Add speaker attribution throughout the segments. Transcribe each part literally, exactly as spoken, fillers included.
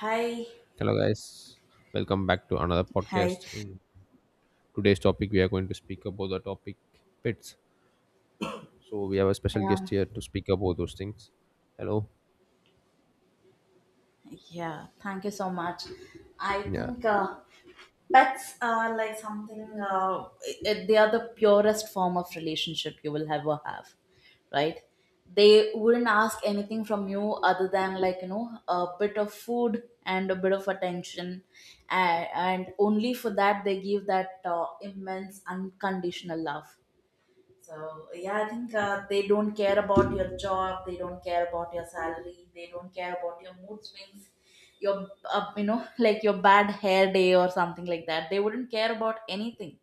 Speaker 1: Hi,
Speaker 2: Hello, guys. Welcome back to another
Speaker 1: hi.
Speaker 2: podcast. In today's topic, we are going to speak about the topic pets. So we have a special guest
Speaker 1: Um,
Speaker 2: here to speak about those things. Hello.
Speaker 1: yeah, thank you so much. I
Speaker 2: Yeah,
Speaker 1: think uh, pets are like something, uh, it, it- they are the purest form of relationship you will ever have, right? They wouldn't ask anything from you other than, like, you know, a bit of food and a bit of attention. And, and only for that, they give that uh, immense unconditional love. So yeah, I think uh, they don't care about your job, they don't care about your salary, they don't care about your mood swings, your uh, you know like your bad hair day or something like that. They wouldn't care about anything.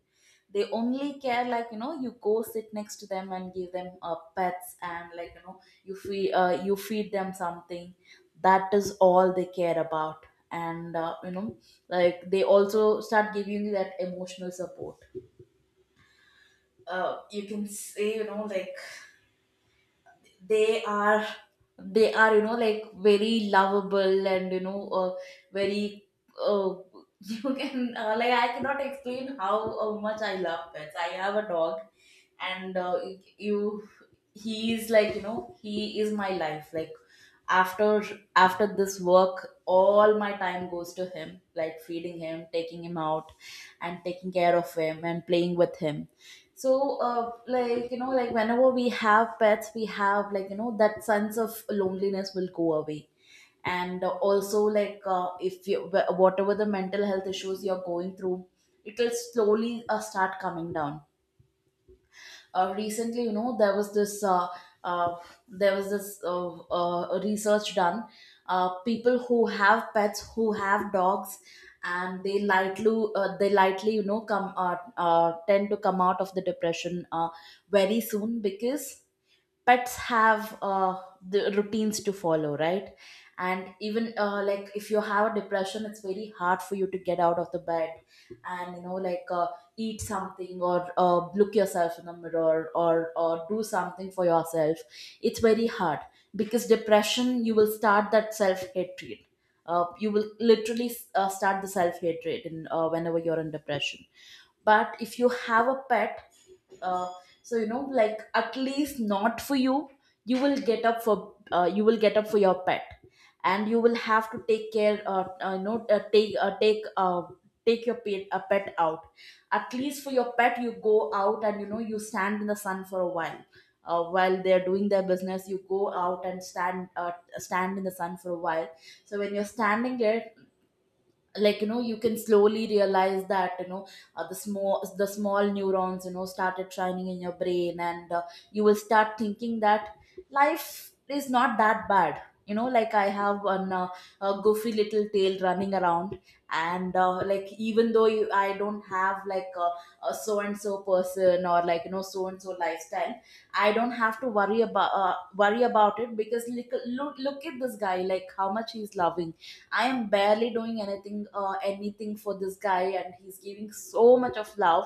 Speaker 1: They only care like you know you go sit next to them and give them uh, pets and like you know you feed uh, you feed them something. That is all they care about, and uh, you know like they also start giving you that emotional support. Uh, you can say you know like they are they are you know like very lovable, and you know, uh, very uh, you can uh, like I cannot explain how uh, much I love pets. I have a dog, and uh, you he is like you know he is my life. Like, after after this work, all my time goes to him, like feeding him, taking him out, and taking care of him, and playing with him. So, uh, like, you know, like whenever we have pets, we have, like, you know, that sense of loneliness will go away. And uh, also, like, uh, if you, wh- whatever the mental health issues you're going through, it will slowly uh, start coming down. Uh, recently you know there was this uh, uh, there was this uh, uh, research done. Uh, people who have pets, who have dogs, and they lightly uh, they lightly you know come uh, uh, tend to come out of the depression uh, very soon because pets have uh, the routines to follow, right? And even uh, like if you have a depression, it's very hard for you to get out of the bed, and you know like, uh, eat something or uh, look yourself in the mirror, or or do something for yourself. It's very hard because depression, you will start that self hatred. Uh, you will literally uh, start the self hatred in uh, whenever you're in depression. But if you have a pet, uh, so you know like at least not for you, you will get up for uh, you will get up for your pet, and you will have to take care uh, uh, you know uh, take uh, take uh, take your pet, a pet out. At least for your pet, you go out and you know you stand in the sun for a while. Uh, while they're doing their business, you go out and stand uh, stand in the sun for a while. So when you're standing there, like you know, you can slowly realize that you know, uh, the small the small neurons you know started shining in your brain, and uh, you will start thinking that life is not that bad. You know, like I have one uh, a goofy little tail running around. And uh, like, even though you, I don't have like a, a so and so person or like you know so and so lifestyle, I don't have to worry about uh, worry about it, because look, look look at this guy, like how much he's loving. I am barely doing anything, uh, anything for this guy, and he's giving so much of love.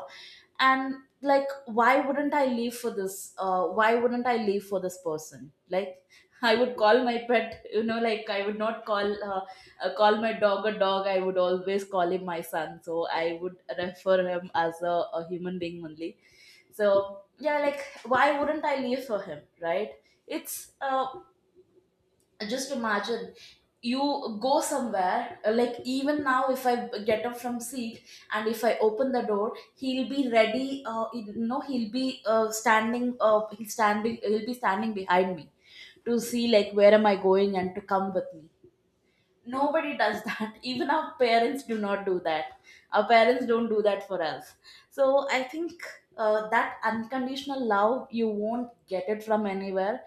Speaker 1: And like, why wouldn't I leave for this? Uh, why wouldn't I leave for this person? Like, I would call my pet. You know, like I would not call uh, uh, call my dog a dog. I would always call him my son. So I would refer him as a, a human being only. So yeah, like, why wouldn't I leave for him? Right? It's uh, just imagine you go somewhere uh, like even now if i b- get up from seat and if I open the door, he'll be ready. Uh, you know, he'll be uh, standing uh, he'll standing he'll be standing behind me to see like where am I going and to come with me. Nobody does that. Even our parents do not do that. Our parents don't do that for us. So I think uh, that unconditional love, you won't get it from anywhere.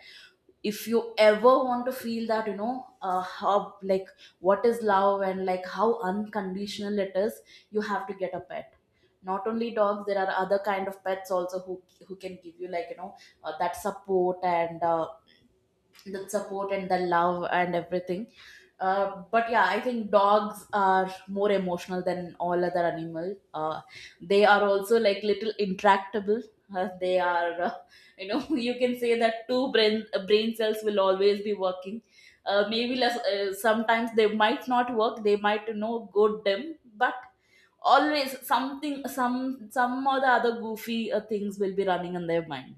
Speaker 1: If you ever want to feel that, you know, uh, how like what is love and like how unconditional it is, you have to get a pet. Not only dogs, there are other kind of pets also who who can give you like you know uh, that support and uh, the support and the love and everything. Uh, but yeah, I think dogs are more emotional than all other animals. Uh, they are also like little intractable. Uh, they are, uh, you know, you can say that two brain uh, brain cells will always be working. Uh, maybe less, uh, sometimes they might not work. They might you know go dim, but always something, some some or the other goofy uh, things will be running in their mind.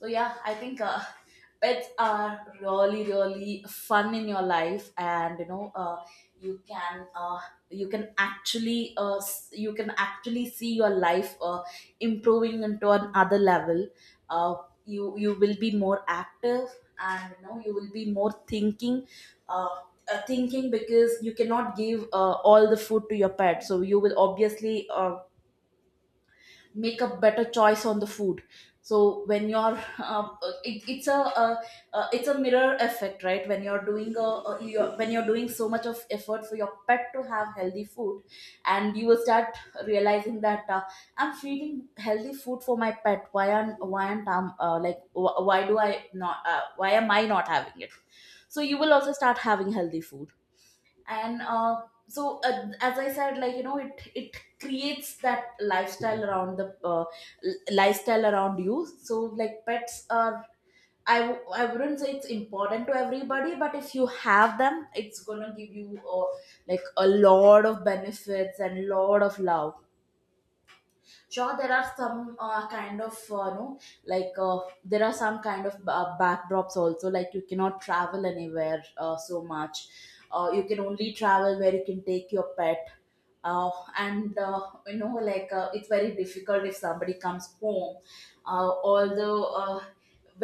Speaker 1: So yeah, I think uh, pets are really really fun in your life, and you know, uh, you can uh, you can actually uh, s- you can actually see your life uh, improving into another level. Uh, you you will be more active, and you know you will be more thinking. Uh, uh, Thinking because you cannot give uh, all the food to your pet, so you will obviously uh, make a better choice on the food. So when you're uh, it, it's a uh, uh, it's a mirror effect, right? When you're doing a, a you're, when you're doing so much of effort for your pet to have healthy food, and you will start realizing that uh, I'm feeding healthy food for my pet, why aren't why aren't I'm uh, like wh- why do I not uh, why am I not having it. So you will also start having healthy food. And uh, so uh, as I said, like you know, it it creates that lifestyle around the uh, l- lifestyle around you. So like pets are, I, w- I wouldn't say it's important to everybody, but if you have them, it's gonna give you uh, like a lot of benefits and lot of love. Sure, there are some uh, kind of, uh, no like uh, there are some kind of uh, backdrops also, like you cannot travel anywhere uh, so much. Uh, you can only travel where you can take your pet. Uh, and uh, You know, like uh, it's very difficult if somebody comes home. Uh, although uh,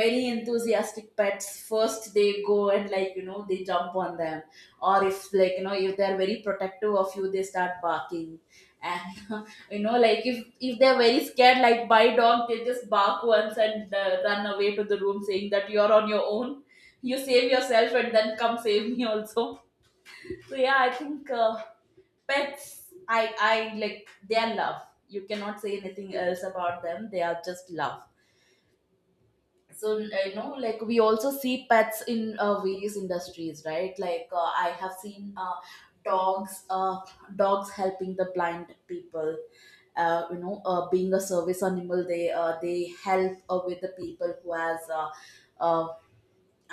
Speaker 1: Very enthusiastic pets, first they go and like you know they jump on them, or if like you know if they're very protective of you, they start barking. And you know, like if if they're very scared like by dog, they just bark once and uh, run away to the room saying that you're on your own. You save yourself and then come save me also. So yeah, I think uh, pets, i i like their love. You cannot say anything else about them. They are just love. So you know, like we also see pets in uh, various industries, right? Like uh, I have seen uh, dogs uh, dogs helping the blind people. Uh, you know uh, being a service animal, they uh, they help uh, with the people who has uh, uh,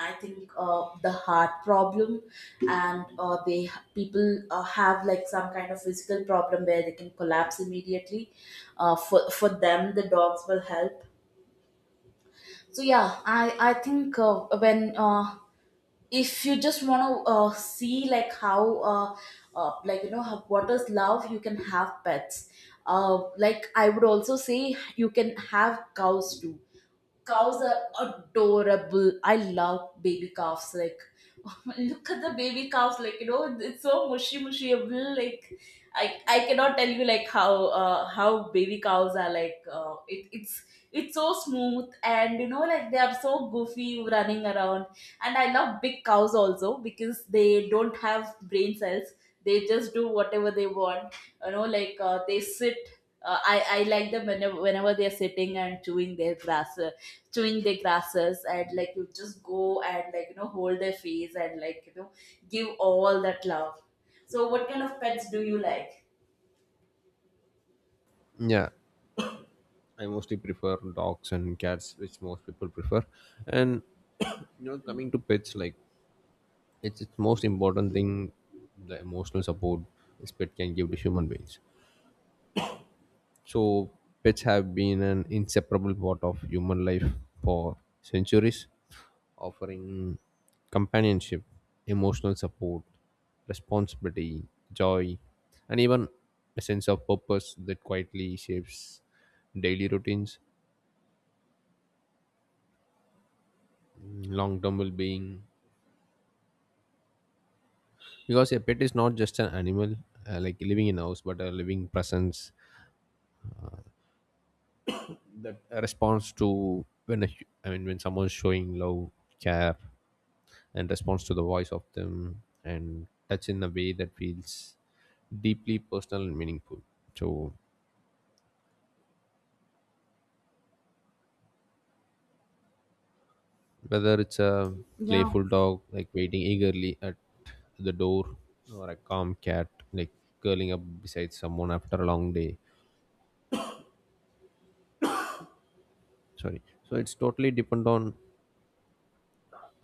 Speaker 1: I think uh, the heart problem. And uh, they people uh, have like some kind of physical problem where they can collapse immediately. Uh, for for them, the dogs will help. So yeah, i i think uh, when uh, if you just want to uh, see like how uh, uh, like you know how, what is love, you can have pets. Uh, like I would also say you can have cows too. Cows are adorable. I love baby calves. Like, look at the baby calves. Like, you know, it's so mushy, mushy. Like, I, I cannot tell you like how uh, how baby cows are like. Uh, it, it's it's so smooth, and you know like they are so goofy running around. And I love big cows also because they don't have brain cells. They just do whatever they want. You know, like uh, they sit. Uh, I I like them whenever whenever they are sitting and chewing their grass, doing their classes, and like you just go and like you know hold their face and like you know give all that love. So what kind of pets do you like?
Speaker 2: yeah. I mostly prefer dogs and cats, which most people prefer. And you know, coming to pets, like it's its most important thing, the emotional support this pet can give to human beings. So, pets have been an inseparable part of human life for centuries, offering companionship, emotional support, responsibility, joy, and even a sense of purpose that quietly shapes daily routines, long term well being. Because a pet is not just an animal uh, like living in a house, but a living presence that response to when a, hu- I mean when someone's showing love, care, and response to the voice of them, and touch in a way that feels deeply personal and meaningful. So whether it's a
Speaker 1: Yeah,
Speaker 2: playful dog like waiting eagerly at the door, or a calm cat like curling up beside someone after a long day, sorry. So it's totally depend on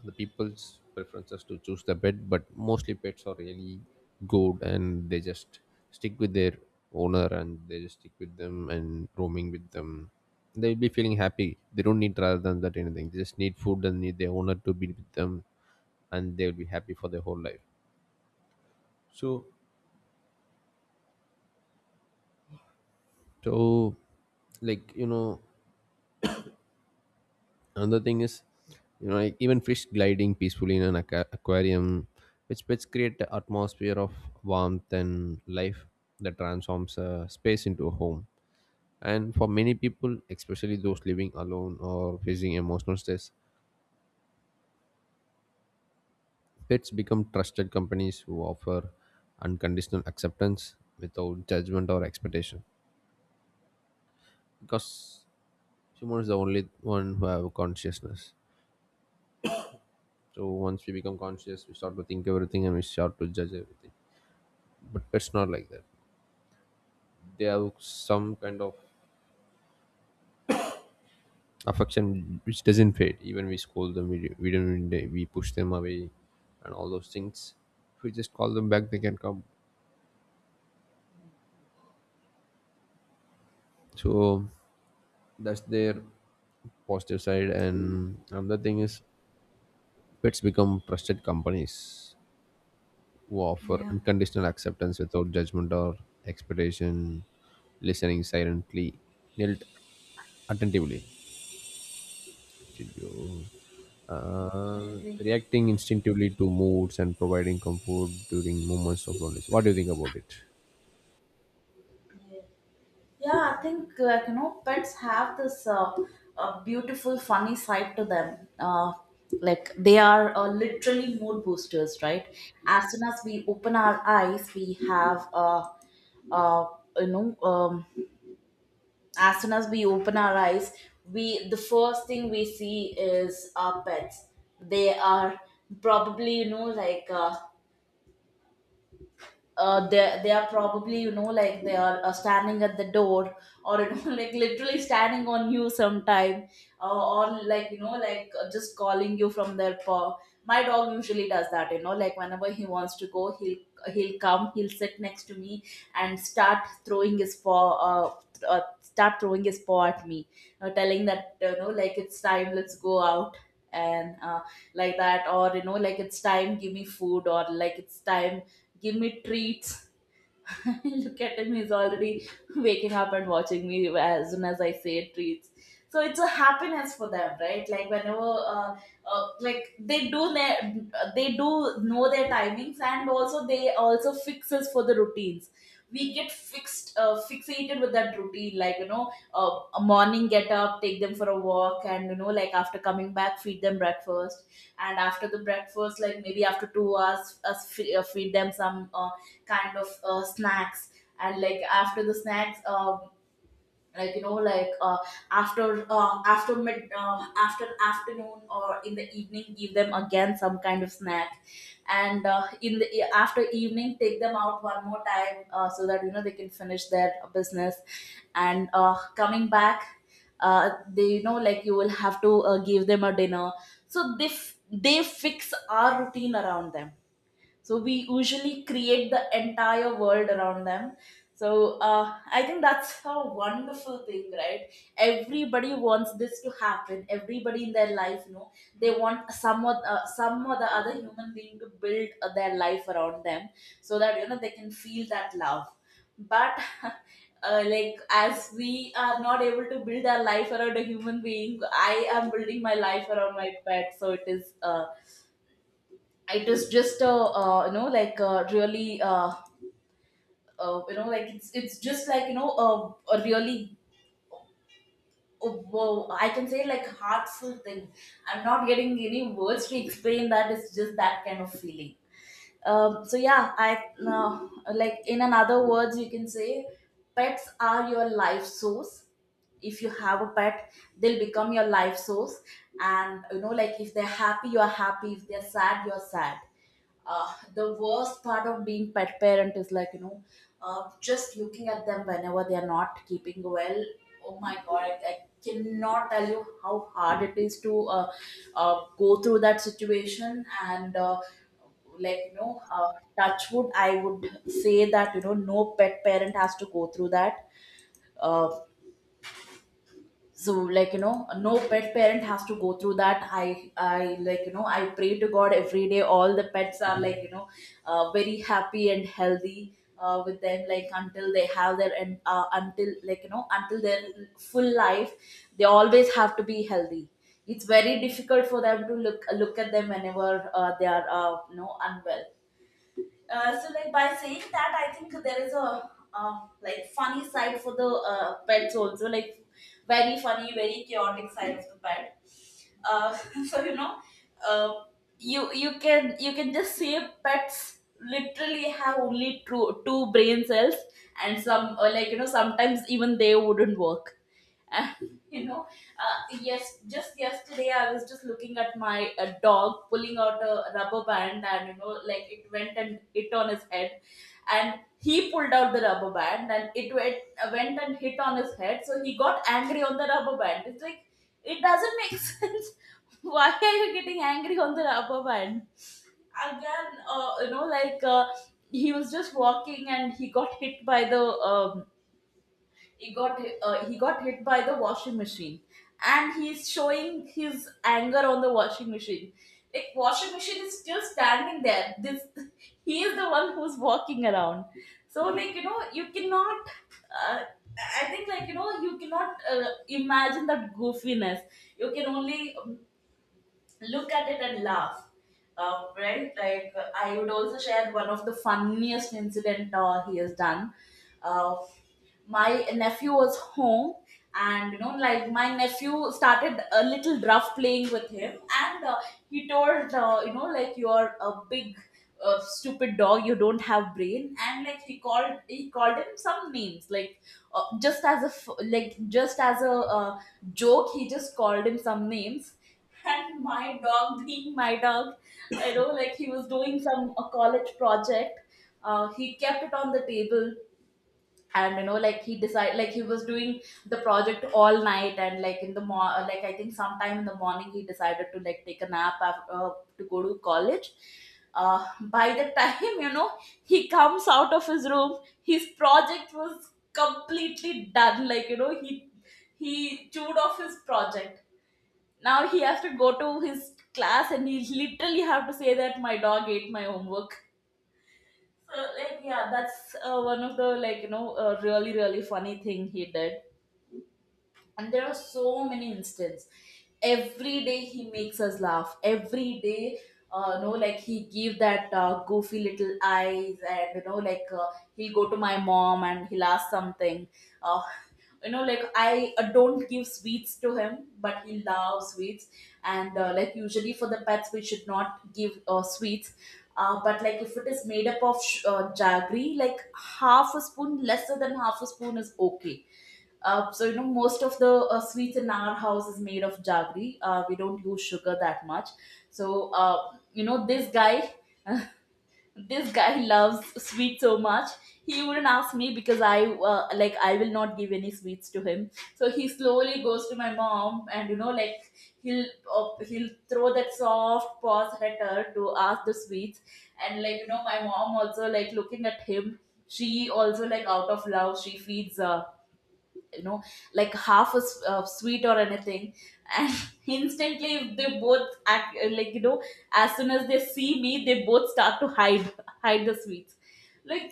Speaker 2: the people's preferences to choose the pet, but mostly pets are really good and they just stick with their owner and they just stick with them and roaming with them. They'll be feeling happy. They don't need rather than that anything. They just need food and need their owner to be with them and they'll be happy for their whole life. So so, like you know, another thing is, you know, like even fish gliding peacefully in an aqua- aquarium, which which create the atmosphere of warmth and life that transforms a space into a home. And for many people, especially those living alone or facing emotional stress, pets become trusted companies who offer unconditional acceptance without judgment or expectation, because human is the only one who have consciousness. So once we become conscious, we start to think everything and we start to judge everything, but it's not like that. They have some kind of affection which doesn't fade even we scold them, we, we don't we push them away and all those things. If we just call them back, they can come. So that's their positive side. And another thing is, pets become trusted companies who offer
Speaker 1: yeah,
Speaker 2: unconditional acceptance without judgment or expectation, listening silently, knelt attentively, studio,
Speaker 1: I
Speaker 2: uh,
Speaker 1: agree.
Speaker 2: reacting instinctively to moods and providing comfort during moments of loneliness. What do you think about it?
Speaker 1: yeah I think, like, you know, pets have this uh, uh, beautiful funny side to them. uh, like they are uh, literally mood boosters, right? As soon as we open our eyes we have uh, uh, you know um, as soon as we open our eyes, we the first thing we see is our pets. They are probably, you know, like uh, uh, they they are probably, you know, like they are uh, standing at the door, or, you know, like literally standing on you sometime. Uh, or like, you know, like uh, just calling you from their paw. My dog usually does that, you know, like whenever he wants to go he'll he'll come, he'll sit next to me and start throwing his paw, uh, th- uh, start throwing his paw at me, uh, telling that, you know, like it's time, let's go out. And uh, like that, or, you know, like it's time, give me food, or like it's time give me treats. Look at him, he's already waking up and watching me as soon as I say treats. So it's a happiness for them, right? Like whenever, uh, uh, like they do their, they do know their timings, and also they also fixes for the routines. We get fixed, uh, fixated with that routine. Like, you know, uh, a morning get up, take them for a walk, and, you know, like after coming back feed them breakfast, and after the breakfast, like maybe after two hours us fe- uh, feed them some uh, kind of uh, snacks. And like after the snacks, uh, like you know like uh, after uh, after mid uh, after afternoon or in the evening, give them again some kind of snack. And uh, in the e- after evening, take them out one more time, uh, so that, you know, they can finish their business, and uh, coming back uh, they, you know, like you will have to uh, give them a dinner. So they f- they fix our routine around them, so we usually create the entire world around them. So uh, I think that's a wonderful thing, right? Everybody wants this to happen, everybody in their life, you know, they want some or, uh, some or the other human being to build uh, their life around them, so that, you know, they can feel that love. But uh, like as we are not able to build our life around a human being, I am building my life around my pet. So it is uh, it is just a, uh, you know like a really, uh, uh, you know like it's it's just like, you know, a, a really uh, whoa, I can say like heartful thing. I'm not getting any words to explain that. It's just that kind of feeling. Um, so yeah, I, uh, like in another words, you can say pets are your life source. If you have a pet, they'll become your life source. And, you know, like if they're happy, you're happy. If they're sad, you're sad. Uh, the worst part of being pet parent is, like, you know, uh, just looking at them whenever they are not keeping well. Oh my god, i, I cannot tell you how hard it is to uh, uh, go through that situation. And uh, like, you know, uh, touch wood, I would say that, you know, no pet parent has to go through that. Uh, so like, you know, no pet parent has to go through that. I i, like, you know, I pray to god every day all the pets are, like, you know, uh, very happy and healthy uh, with them, like until they have their, and uh, until, like, you know, until their full life they always have to be healthy. It's very difficult for them to look look at them whenever uh, they are uh, you know, unwell. Uh, so like by saying that, I think there is a, uh, like funny side for the uh, pets also, like very funny, very chaotic side of the pet. uh, so you know, uh, you you can, you can just see pets literally have only two two brain cells, and some uh, like, you know, sometimes even they wouldn't work. And you know, uh, yes, just yesterday I was just looking at my uh, dog pulling out a rubber band, and, you know, like it went and hit on his head. And he pulled out the rubber band and it went, uh, went and hit on his head. So he got angry on the rubber band. It's like it doesn't make sense. Why are you getting angry on the rubber band? Again, uh, you know, like uh, he was just walking and he got hit by the um, he got uh, he got hit by the washing machine, and he's showing his anger on the washing machine. Like washing machine is still standing there, this he is the one who's walking around. So like, you know, you cannot uh, I think like, you know, you cannot uh, imagine that goofiness. You can only look at it and laugh. Uh, right, like, uh, I would also share one of the funniest incident uh, he has done. uh, my nephew was home, and, you know, like my nephew started a little rough playing with him. And uh, he told, uh, you know, like you're a big uh, stupid dog, you don't have brain. And like he called he called him some names, like uh, just as a f- like just as a uh, joke, he just called him some names. And my dog being my dog, you know, like he was doing some a college project. Uh, he kept it on the table, and, you know, like he decided, like he was doing the project all night, and like in the mor- uh, like I think sometime in the morning he decided to like take a nap after, uh, to go to college. uh, by the time you know, he comes out of his room, his project was completely done. Like, you know, he he chewed off his project. Now he has to go to his class and he literally have to say that my dog ate my homework. So like, yeah, that's uh, one of the, like, you know, uh, really really funny thing he did. And there are so many instances, every day he makes us laugh every day. Uh, no, like he give that uh, goofy little eyes, and, you know, like uh, he'll go to my mom and he'll ask something. uh, you know, like I uh, don't give sweets to him, but he loves sweets. And uh, like usually for the pets we should not give uh, sweets. Uh, but like if it is made up of sh- uh, jaggery, like half a spoon, lesser than half a spoon, is okay. Uh, so, you know, most of the uh, sweets in our house is made of jaggery. Uh, we don't use sugar that much. So, uh, you know, this guy, this guy loves sweet so much. He wouldn't ask me because I, uh, like, I will not give any sweets to him. So he slowly goes to my mom, and, you know, like he'll uh, he'll throw that soft paws at her to ask the sweets. And like, you know, my mom also, like looking at him, she also, like out of love, she feeds. Uh, you know, like half a s- uh, sweet or anything. And instantly they both act, uh, like, you know, as soon as they see me they both start to hide hide the sweets. like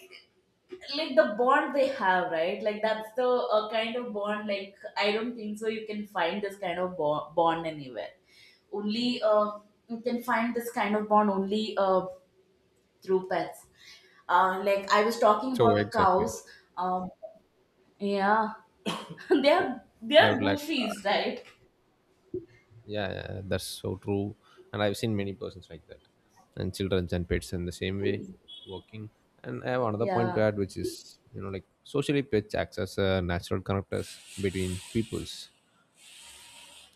Speaker 1: like the bond they have, right? Like that's the, uh, kind of bond. Like, I don't think so you can find this kind of bo- bond anywhere. Only uh, you can find this kind of bond only uh, through pets. Uh, like I was talking
Speaker 2: So
Speaker 1: about
Speaker 2: exactly.
Speaker 1: cows, um, yeah.
Speaker 2: So,
Speaker 1: they're
Speaker 2: I
Speaker 1: they're
Speaker 2: would like, uh,
Speaker 1: goofies, right?
Speaker 2: yeah, yeah, yeah, that's so true. And I've seen many persons like that, and children and pets in the same way working. And I have another point to
Speaker 1: Yeah,
Speaker 2: add, which is, you know, like socially, pets acts as a natural connectors between peoples.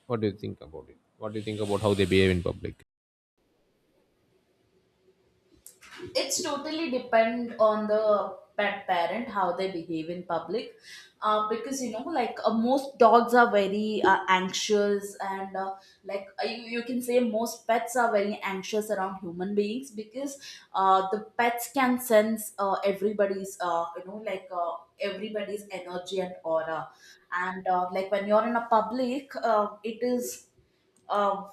Speaker 2: What do you think about it? What do you think about how they behave in public?
Speaker 1: it's totally depend on the pet parent how they behave in public. Uh, because, you know, like uh, most dogs are very uh, anxious, and uh, like uh, you, you can say most pets are very anxious around human beings, because uh, the pets can sense uh, everybody's uh, you know like uh, everybody's energy and aura. And uh, like when you're in a public, uh, it is. Uh,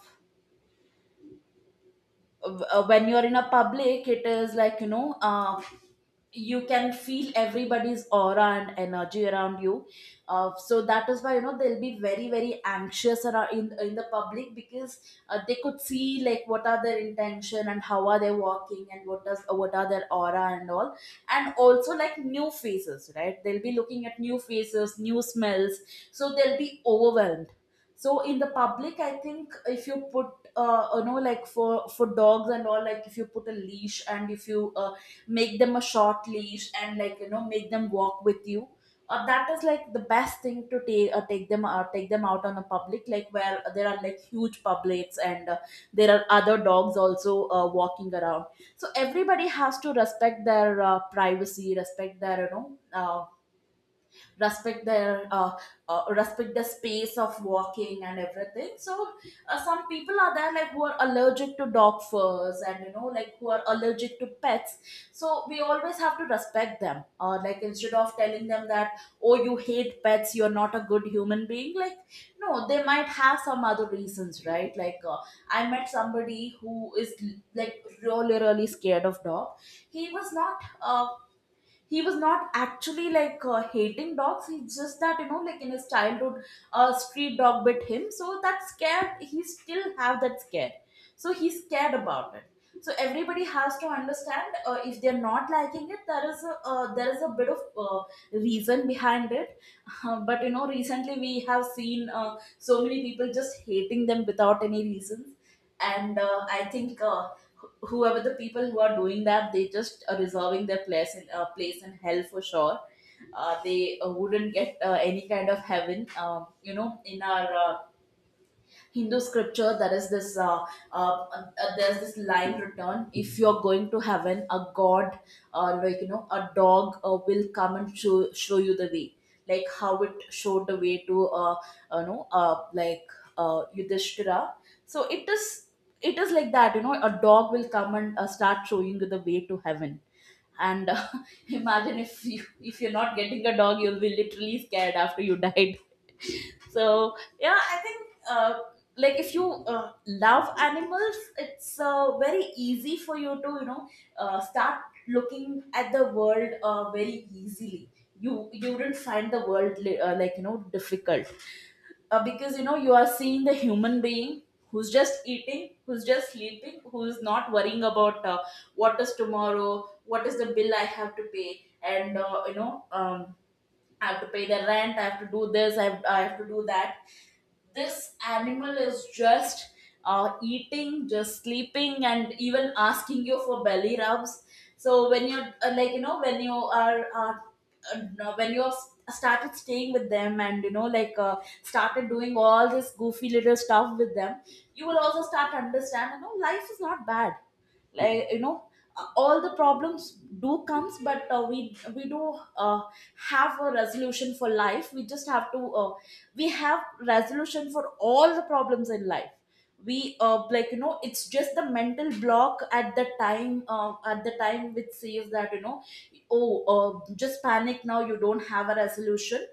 Speaker 1: uh, when you're in a public it is like you know uh, you can feel everybody's aura and energy around you. Uh, so that is why you know they'll be very very anxious around in, in the public. Because uh, They could see like what are their intention and how are they walking and what does what are their aura and all. And also like new faces, right? They'll be looking at new faces, new smells, so they'll be overwhelmed. So in the public I think if you put, uh, you know, like for for dogs and all, like if you put a leash and if you uh, make them a short leash and like you know make them walk with you, uh, that is like the best thing. To take uh, take them uh, take them out on a public like where there are like huge publics and uh, there are other dogs also uh, walking around. So everybody has to respect their uh, privacy, respect their you know uh, respect their uh, uh, respect the space of walking and everything so uh, Some people are there like who are allergic to dog furs and you know like who are allergic to pets, so we always have to respect them. Uh, like instead of telling them that, oh, you hate pets, you're not a good human being, like no, they might have some other reasons, right? like uh, I met somebody who is like really really scared of dog. He was not uh, he was not actually like uh, hating dogs. He's just that you know like in his childhood a street dog bit him, so that scared, he still have that scare, so he's scared about it. So everybody has to understand, uh, if they're not liking it, there is a, uh, there is a bit of uh, reason behind it. Uh, but you know recently we have seen uh, so many people just hating them without any reasons. And uh, I think uh, wh- whoever the people who are doing that, they just are reserving their place in, uh, place in hell for sure. Uh, they uh, wouldn't get uh, any kind of heaven. Um, you know, in our uh, Hindu scripture, there is this uh, uh, uh, there's this line written: if you're going to heaven, a god, uh, like you know, a dog uh, will come and show show you the way, like how it showed the way to uh, uh, you know, uh, like uh, Yudhishthira. So it is it is like that, you know, a dog will come and uh, start showing you the way to heaven. And uh, imagine if you if you're not getting a dog, you'll be literally scared after you died. So yeah, I think uh, like if you uh, love animals, it's uh, very easy for you to you know uh, start looking at the world uh, very easily. You you wouldn't find the world li- uh, like you know difficult, uh, because you know you are seeing the human being who's just eating, who's just sleeping, who's not worrying about uh, what is tomorrow, what is the bill I have to pay, and uh, you know. Um, I have to pay the rent, I have to do this, I have, I have to do that. This animal is just uh, eating, just sleeping, and even asking you for belly rubs. So when you're uh, like you know when you are uh, uh, no, when you are s- started staying with them and you know like uh, started doing all this goofy little stuff with them, you will also start to understand you know life is not bad, like you know uh, all the problems do comes. But uh, we we do uh, have a resolution for life. We just have to uh, we have resolution for all the problems in life. We, uh, like you know, it's just the mental block at the time, uh, at the time which says that, you know, oh, uh, just panic now, you don't have a resolution.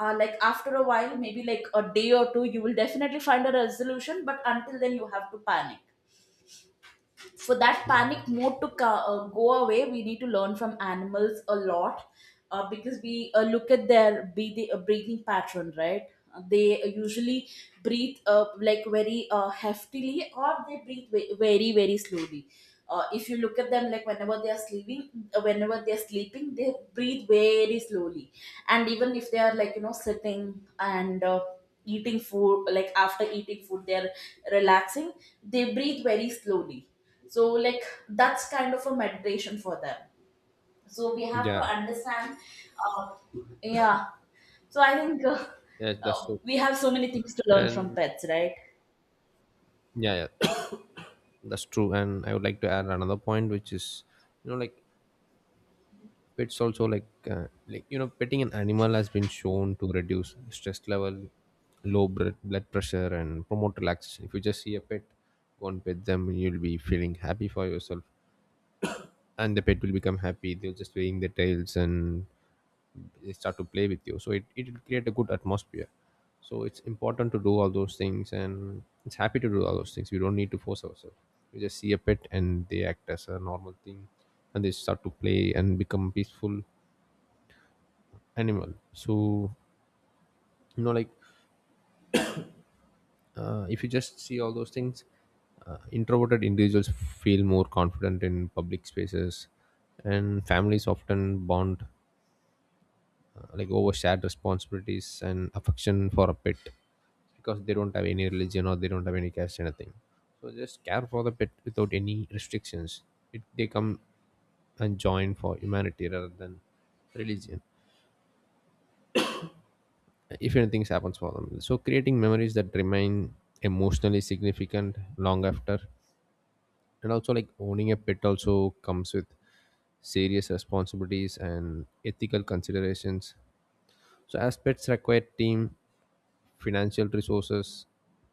Speaker 1: uh, Like after a while, maybe like a day or two, you will definitely find a resolution, but until then you have to panic. For that panic mode to co- uh, go away, we need to learn from animals a lot, uh, because we uh, look at their breathing, uh, breathing pattern, right? Uh, they usually breathe uh, like very uh, heftily, or they breathe ve- very very slowly. Uh, if you look at them, like whenever they are sleeping, uh, whenever they are sleeping they breathe very slowly. And even if they are like you know sitting and uh, eating food, like after eating food they're relaxing, they breathe very slowly. So like that's kind of a meditation for them. So we have to
Speaker 2: Yeah,
Speaker 1: understand. Uh, yeah. So I think uh,
Speaker 2: yes, that's
Speaker 1: uh,
Speaker 2: so
Speaker 1: we
Speaker 2: true.
Speaker 1: have so many things to learn from
Speaker 2: And
Speaker 1: pets, right?
Speaker 2: yeah, yeah, that's true. And I would like to add another point, which is, you know, like pets also like uh, like you know, petting an animal has been shown to reduce stress level, low blood blood pressure, and promote relaxation. If you just see a pet, go and pet them, you'll be feeling happy for yourself, and the pet will become happy. They'll just wag their tails and they start to play with you, so it it will create a good atmosphere. So it's important to do all those things, and it's happy to do all those things. We don't need to force ourselves, we just see a pet and they act as a normal thing, and they start to play and become peaceful animal. So, you know, like, uh, if you just see all those things, uh, introverted individuals feel more confident in public spaces, and families often bond like over shared responsibilities and affection for a pet, because they don't have any religion or they don't have any caste anything. So just care for the pet without any restrictions. It, they come and join for humanity rather than religion if anything happens for them, so creating memories that remain emotionally significant long after. And also, like, owning a pet also comes with serious responsibilities and ethical considerations. So aspects require team, financial resources,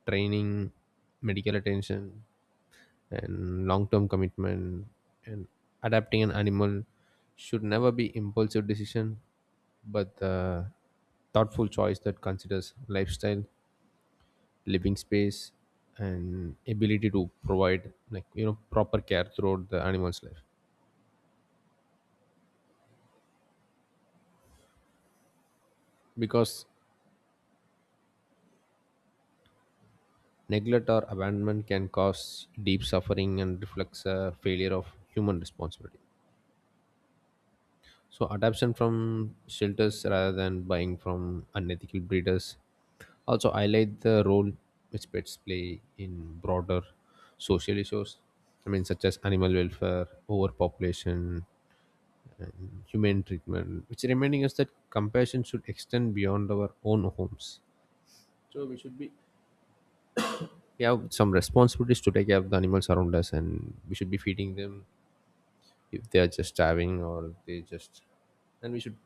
Speaker 2: training, medical attention, and long-term commitment. And adapting an animal should never be impulsive decision, but the thoughtful choice that considers lifestyle, living space, and ability to provide, like you know, proper care throughout the animal's life. Because neglect or abandonment can cause deep suffering and reflects a failure of human responsibility. So adoption from shelters rather than buying from unethical breeders also highlight the role which pets play in broader social issues. I mean, such as animal welfare, overpopulation, humane treatment, which reminding us that compassion should extend beyond our own homes. So we should be we have some responsibilities to take care of the animals around us, and we should be feeding them if they are just starving or they just, and we should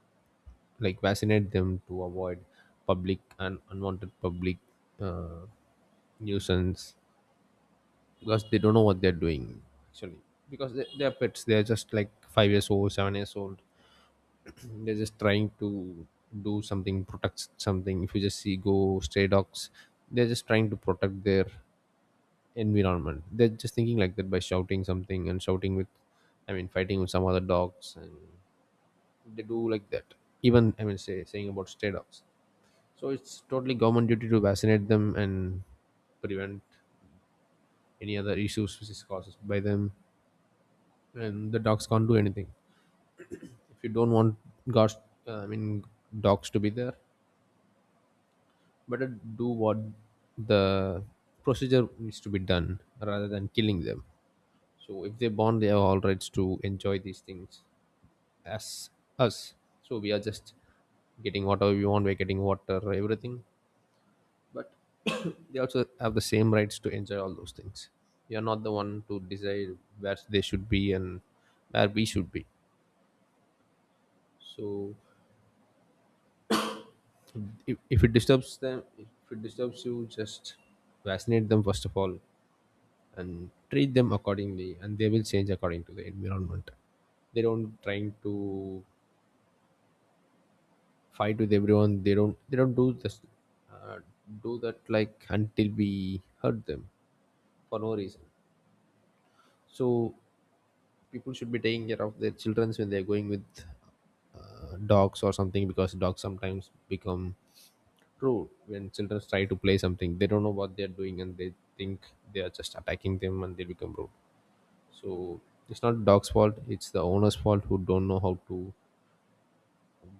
Speaker 2: like vaccinate them to avoid public and unwanted public uh, nuisance, because they don't know what they're doing actually, because they, they're pets, they're just like five years old, seven years old. They're just trying to do something, protect something. If you just see go stray dogs, they're just trying to protect their environment. They're just thinking like that by shouting something and shouting with, I mean, fighting with some other dogs, and they do like that. Even, I mean, say saying about stray dogs, so it's totally government duty to vaccinate them and prevent any other issues which is caused by them. And the dogs can't do anything. If you don't want, gosh, uh, I mean dogs to be there, better do what the procedure needs to be done rather than killing them. So if they born, they have all rights to enjoy these things as us. So we are just getting whatever we want. We're getting water, everything. But they also have the same rights to enjoy all those things. You're not the one to decide where they should be and where we should be. So if, if it disturbs them, if it disturbs you, just vaccinate them first of all, and treat them accordingly, and they will change according to the environment. They don't trying to fight with everyone. They don't they don't do this, uh, do that, like until we hurt them for no reason. So people should be taking care of their children when they're going with uh, dogs or something, because dogs sometimes become true when children try to play something. They don't know what they're doing, and they think they are just attacking them, and they become rude. So it's not dog's fault, it's the owner's fault, who don't know how to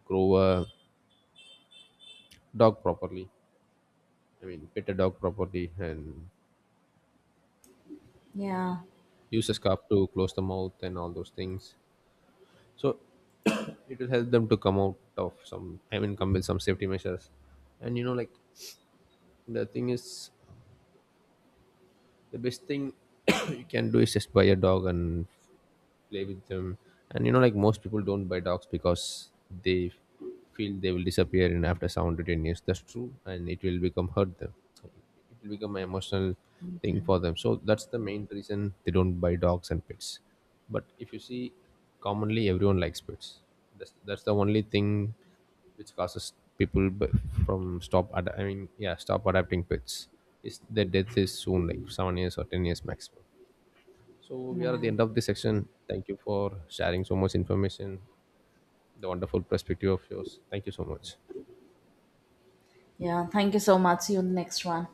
Speaker 2: grow a dog properly, I mean pet a dog properly, and
Speaker 1: Yeah,
Speaker 2: use a scarf to close the mouth and all those things. So it will help them to come out of some, I mean, come with some safety measures. And you know, like, the thing is, the best thing you can do is just buy a dog and play with them. And you know, like, most people don't buy dogs because they feel they will disappear in after seven to ten years. That's true, and it will become hurt them. It will become an emotional thing for them. So that's the main reason they don't buy dogs and pets. But if you see, commonly everyone likes pets. That's, that's the only thing which causes people b- from stop ad- I mean, yeah, stop adopting pets, is their death is soon, like seven years or ten years maximum. So we are at the
Speaker 1: yeah,
Speaker 2: end of this section. Thank you for sharing so much information, the wonderful perspective of yours. Thank you so much.
Speaker 1: yeah, thank you so much, see you in the next one.